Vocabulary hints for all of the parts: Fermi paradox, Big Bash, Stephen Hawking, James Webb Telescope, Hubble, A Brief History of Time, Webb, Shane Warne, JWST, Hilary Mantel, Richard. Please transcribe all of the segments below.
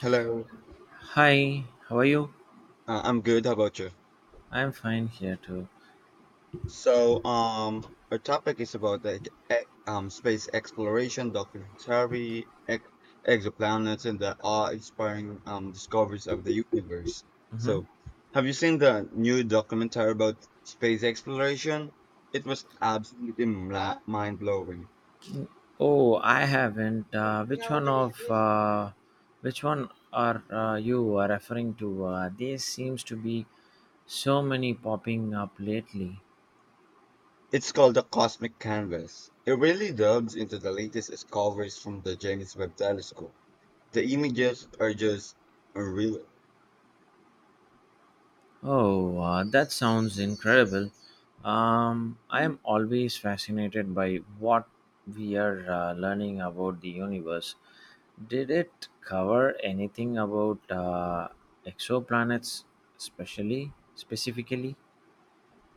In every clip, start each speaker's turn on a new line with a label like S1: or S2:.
S1: Hello,
S2: Hi, how are you?
S1: I'm good. How about you?
S2: I'm fine here too.
S1: Our topic is about like space exploration, documentary, ex exoplanets, and the awe-inspiring discoveries of the universe.
S2: hmm
S1: So, have you seen the new documentary about space exploration? It was absolutely mind blowing.
S2: Oh, I haven't. Which one of which one are you are referring to? There seems to be so many popping up lately.
S1: It's called the Cosmic Canvas. It really delves into the latest discoveries from the James Webb Telescope. The images are just unreal.
S2: Oh, that sounds incredible. I am always fascinated by what we are learning about the universe. Did it cover anything about exoplanets, especially specifically?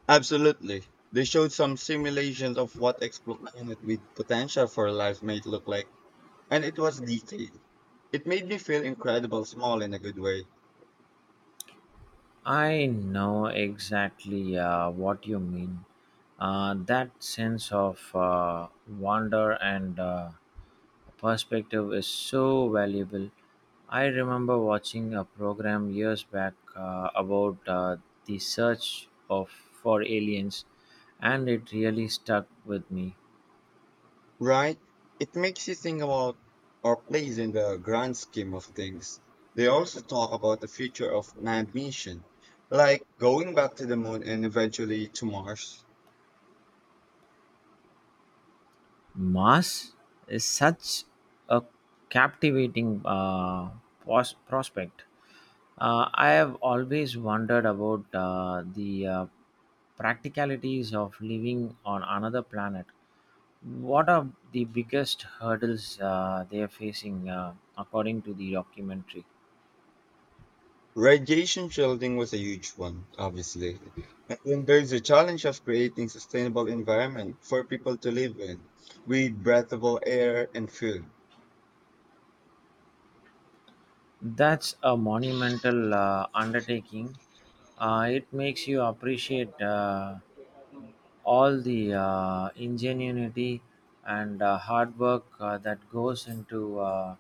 S1: Absolutely. They showed some simulations of what exoplanet with potential for life might look like, and it was detailed. It made me feel incredible small in a good way.
S2: I know exactly what you mean. That sense of wonder and perspective is so valuable. I remember watching a program years back about the search of for aliens, and it really stuck with me.
S1: Right? It makes you think about our place in the grand scheme of things. They also talk about the future of manned mission, like going back to the moon and eventually to Mars.
S2: Mars is such a captivating prospect. I have always wondered about the practicalities of living on another planet. What are the biggest hurdles they are facing, according to the documentary?
S1: Radiation shielding was a huge one, obviously. And then there's the challenge of creating sustainable environment for people to live in, with breathable air and food.
S2: That's a monumental undertaking. It makes you appreciate all the ingenuity and hard work that goes into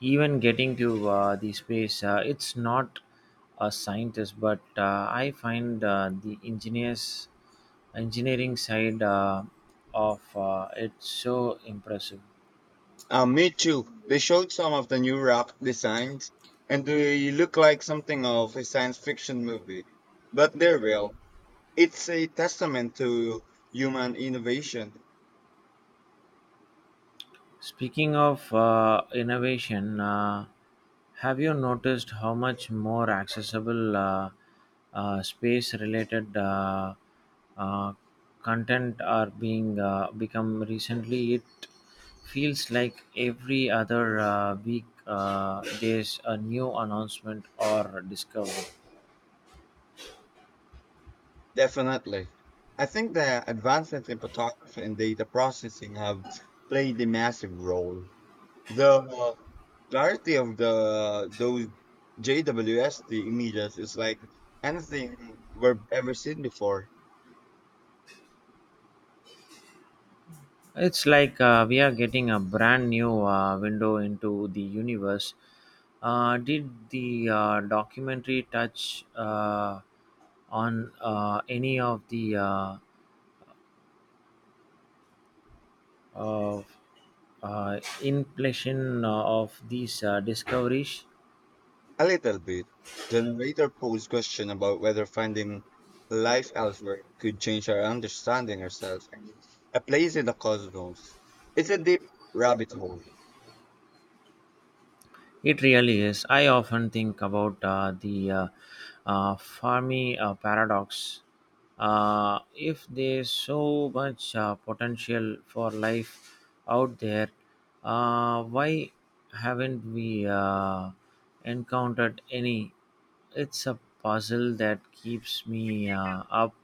S2: even getting to the space. It's not a scientist, but I find the engineering side of it so impressive.
S1: Me too. They showed some of the new rock designs, and they look like something of a science fiction movie. But they're real. It's a testament to human innovation.
S2: Speaking of innovation, have you noticed how much more accessible space related uh, content are being become recently? It feels like every other week there's a new announcement or discovery.
S1: Definitely. I think the advancements in photography and data processing have played a massive role. The clarity of the those JWST images is like anything we've ever seen before.
S2: It's like we are getting a brand new window into the universe. Did the documentary touch on any of the of, inflation of these discoveries?
S1: A little bit. The narrator posed question about whether finding life elsewhere could change our understanding ourselves. A place in the cosmos. It's a deep rabbit hole.
S2: It really is. I often think about the Fermi paradox. If there's so much potential for life out there, why haven't we encountered any? It's a puzzle that keeps me up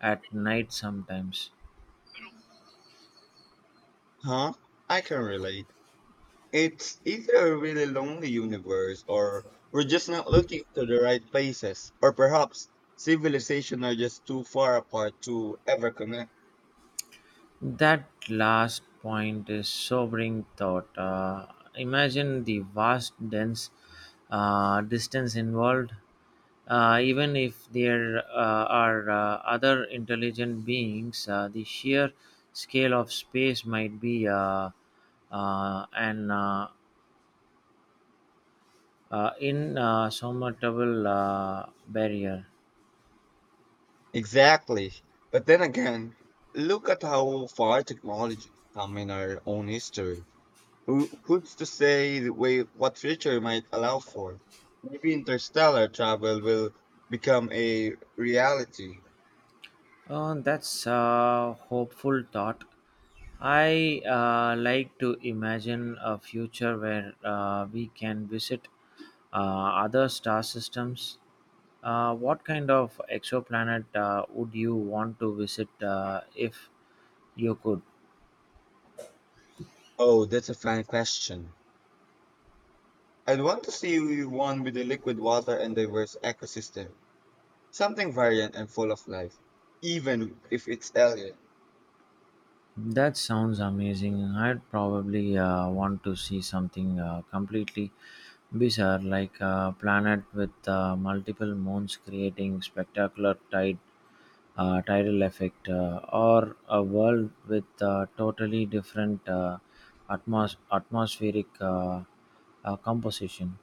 S2: at night sometimes.
S1: Huh? I can relate. It's either a really lonely universe or we're just not looking to the right places. Or perhaps civilization are just too far apart to ever connect.
S2: That last point is sobering thought. Imagine the vast, dense distance involved. Even if there are other intelligent beings, the sheer scale of space might be an insurmountable barrier.
S1: Exactly. But then again, look at how far technology has come in our own history. Who's to say the way what future might allow for? Maybe interstellar travel will become a reality.
S2: That's a hopeful thought. I like to imagine a future where we can visit uh, other star systems. What kind of exoplanet would you want to visit if you could?
S1: Oh, that's a fine question. I'd want to see one with a liquid water and diverse ecosystem, something variant and full of life, even if it's alien.
S2: That sounds amazing. I'd probably want to see something completely bizarre, like a planet with multiple moons creating spectacular tidal effect, or a world with totally different atmospheric composition.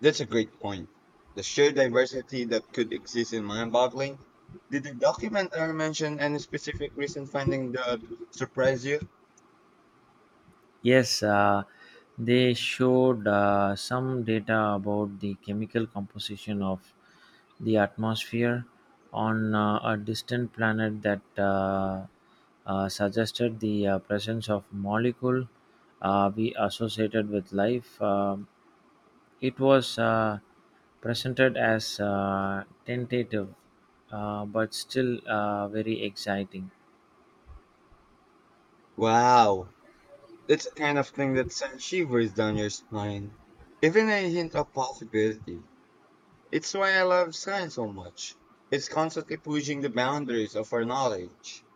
S1: That's a great point. The sheer diversity that could exist is mind-boggling. Did the documentary mention any specific recent finding that surprised you?
S2: Yes, they showed some data about the chemical composition of the atmosphere on a distant planet that suggested the presence of molecule we associated with life. It was presented as tentative, but still very exciting.
S1: Wow, that's the kind of thing that sends shivers down your spine. Even a hint of possibility. It's why I love science so much. It's constantly pushing the boundaries of our knowledge.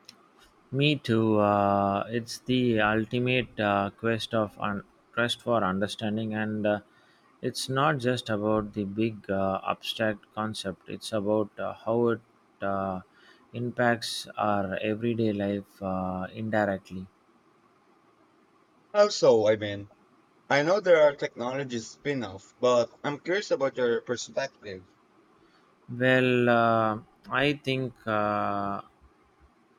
S2: Me too. It's the ultimate quest for understanding, and it's not just about the big abstract concept. It's about how it uh, impacts our everyday life indirectly.
S1: Also, I mean, I know there are technologies spin-off, but I'm curious about your perspective.
S2: Well, I think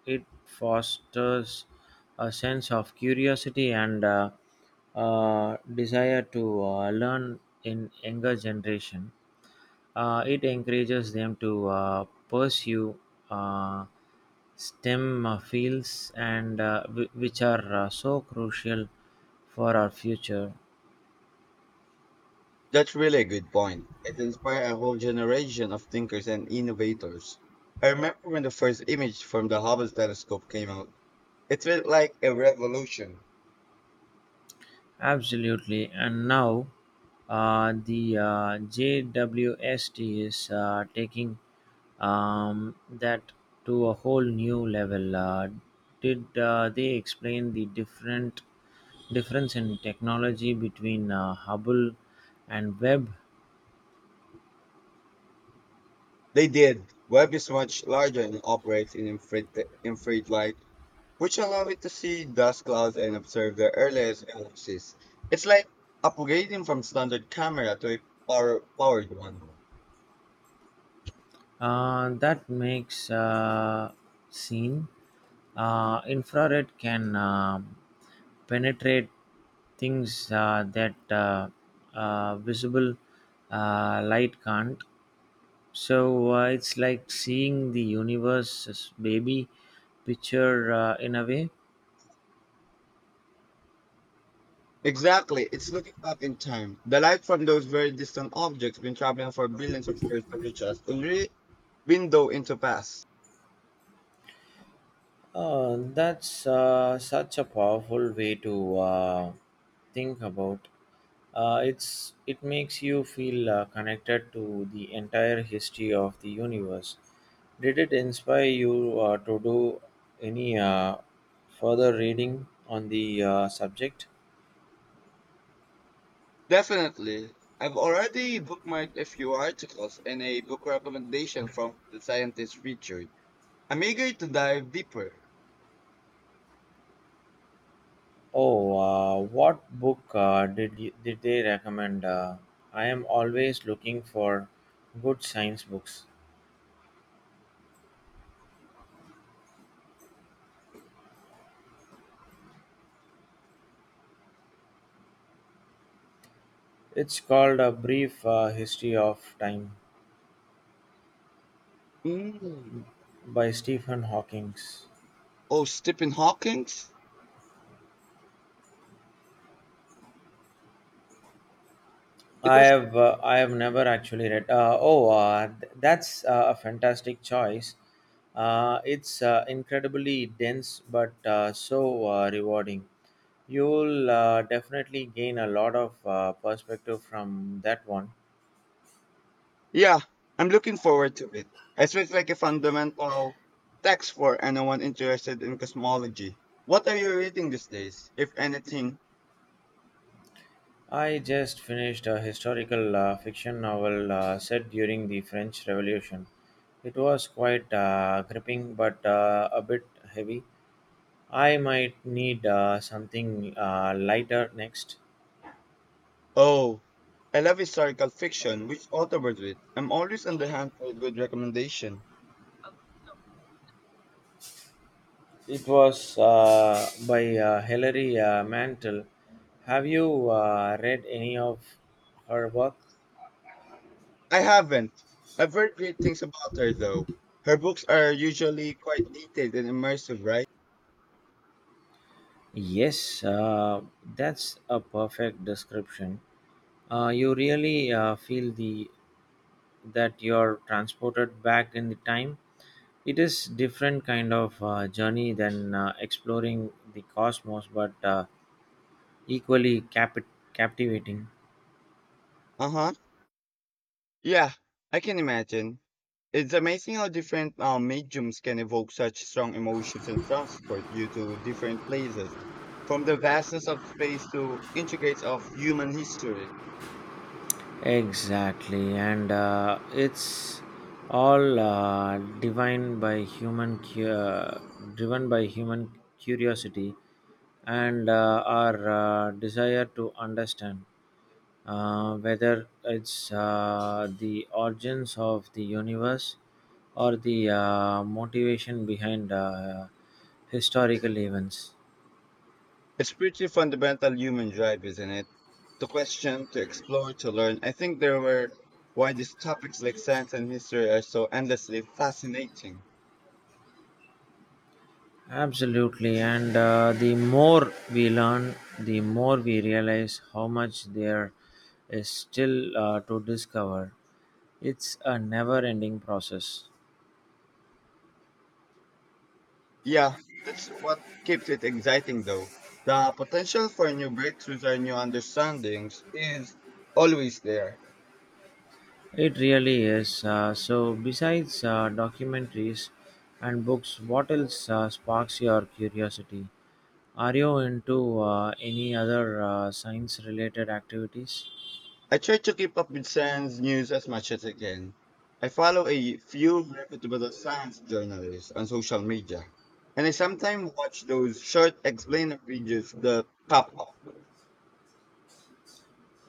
S2: it fosters a sense of curiosity and desire to learn in younger generation. It encourages them to pursue uh, STEM fields and which are so crucial for our future.
S1: That's really a good point. It inspired a whole generation of thinkers and innovators. I remember when the first image from the Hubble telescope came out. It felt like a revolution.
S2: Absolutely. And now the JWST is taking that to a whole new level. Did they explain the different difference in technology between Hubble and Webb?
S1: They did. Web is much larger and operates in infrared light, which allow it to see dust clouds and observe the earliest galaxies. It's like upgrading from standard camera to a powered one.
S2: That makes scene. Infrared can penetrate things that visible light can't. So it's like seeing the universe's baby picture in a way.
S1: Exactly, it's looking up in time. The light from those very distant objects been traveling for billions of years to reach us, a window into past.
S2: That's such a powerful way to think about. It makes you feel connected to the entire history of the universe. Did it inspire you to do any further reading on the subject?
S1: Definitely. I've already bookmarked a few articles and a book recommendation from the scientist Richard. I'm eager to dive deeper.
S2: Oh, what book did they recommend? I am always looking for good science books. It's called A Brief History of Time
S1: Mm.
S2: by Stephen Hawking.
S1: Oh, Stephen Hawking's? It was.
S2: I have never actually read. That's a fantastic choice. It's incredibly dense, but so rewarding. You'll definitely gain a lot of perspective from that one.
S1: Yeah, I'm looking forward to it. It feels like a fundamental text for anyone interested in cosmology. What are you reading these days, if anything?
S2: I just finished a historical fiction novel set during the French Revolution. It was quite gripping but a bit heavy. I might need something lighter next.
S1: Oh, I love historical fiction. Which author was it? I'm always on the hunt for a good recommendation.
S2: It was by Hilary Mantel. Have you read any of her work?
S1: I haven't. I've heard great things about her, though. Her books are usually quite detailed and immersive, right?
S2: Yes, that's a perfect description. You really feel the that you're transported back in the time it is different kind of journey than exploring the cosmos but equally captivating
S1: Uh huh. Yeah, I can imagine. It's amazing how different mediums can evoke such strong emotions and transport you to different places, from the vastness of space to intricates of human history.
S2: exactly and it's all divine by human cu- driven by human curiosity and our desire to understand whether it's the origins of the universe or the motivation behind historical events.
S1: It's pretty fundamental human drive, isn't it? To question, to explore, to learn. I think there were why these topics like science and history are so endlessly fascinating.
S2: Absolutely, and the more we learn, the more we realize how much there is still to discover. It's a never ending process.
S1: Yeah, that's what keeps it exciting though. The potential for new breakthroughs or new understandings is always there.
S2: It really is. So, besides documentaries and books, what else sparks your curiosity? Are you into any other science related activities?
S1: I try to keep up with science news as much as I can. I follow a few reputable science journalists on social media, and I sometimes watch those short explainer videos that pop up.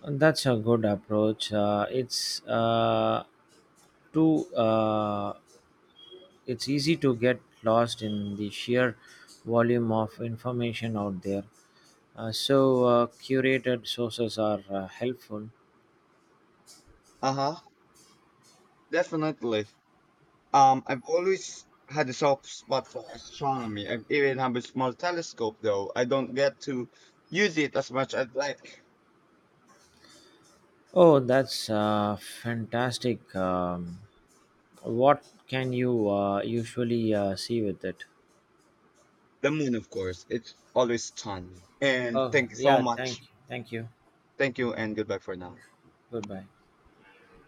S2: And That's a good approach. It's too. It's easy to get lost in the sheer volume of information out there. So, curated sources are helpful.
S1: Uh huh, definitely. I've always had a soft spot for astronomy. I even have a small telescope, though. I don't get to use it as much as like
S2: Oh, that's fantastic. What can you usually see with it?
S1: the moon, of course. It's always fun. And
S2: Oh,
S1: thanks so
S2: yeah,
S1: much.
S2: thank you.
S1: Thank you, and goodbye for now.
S2: Goodbye.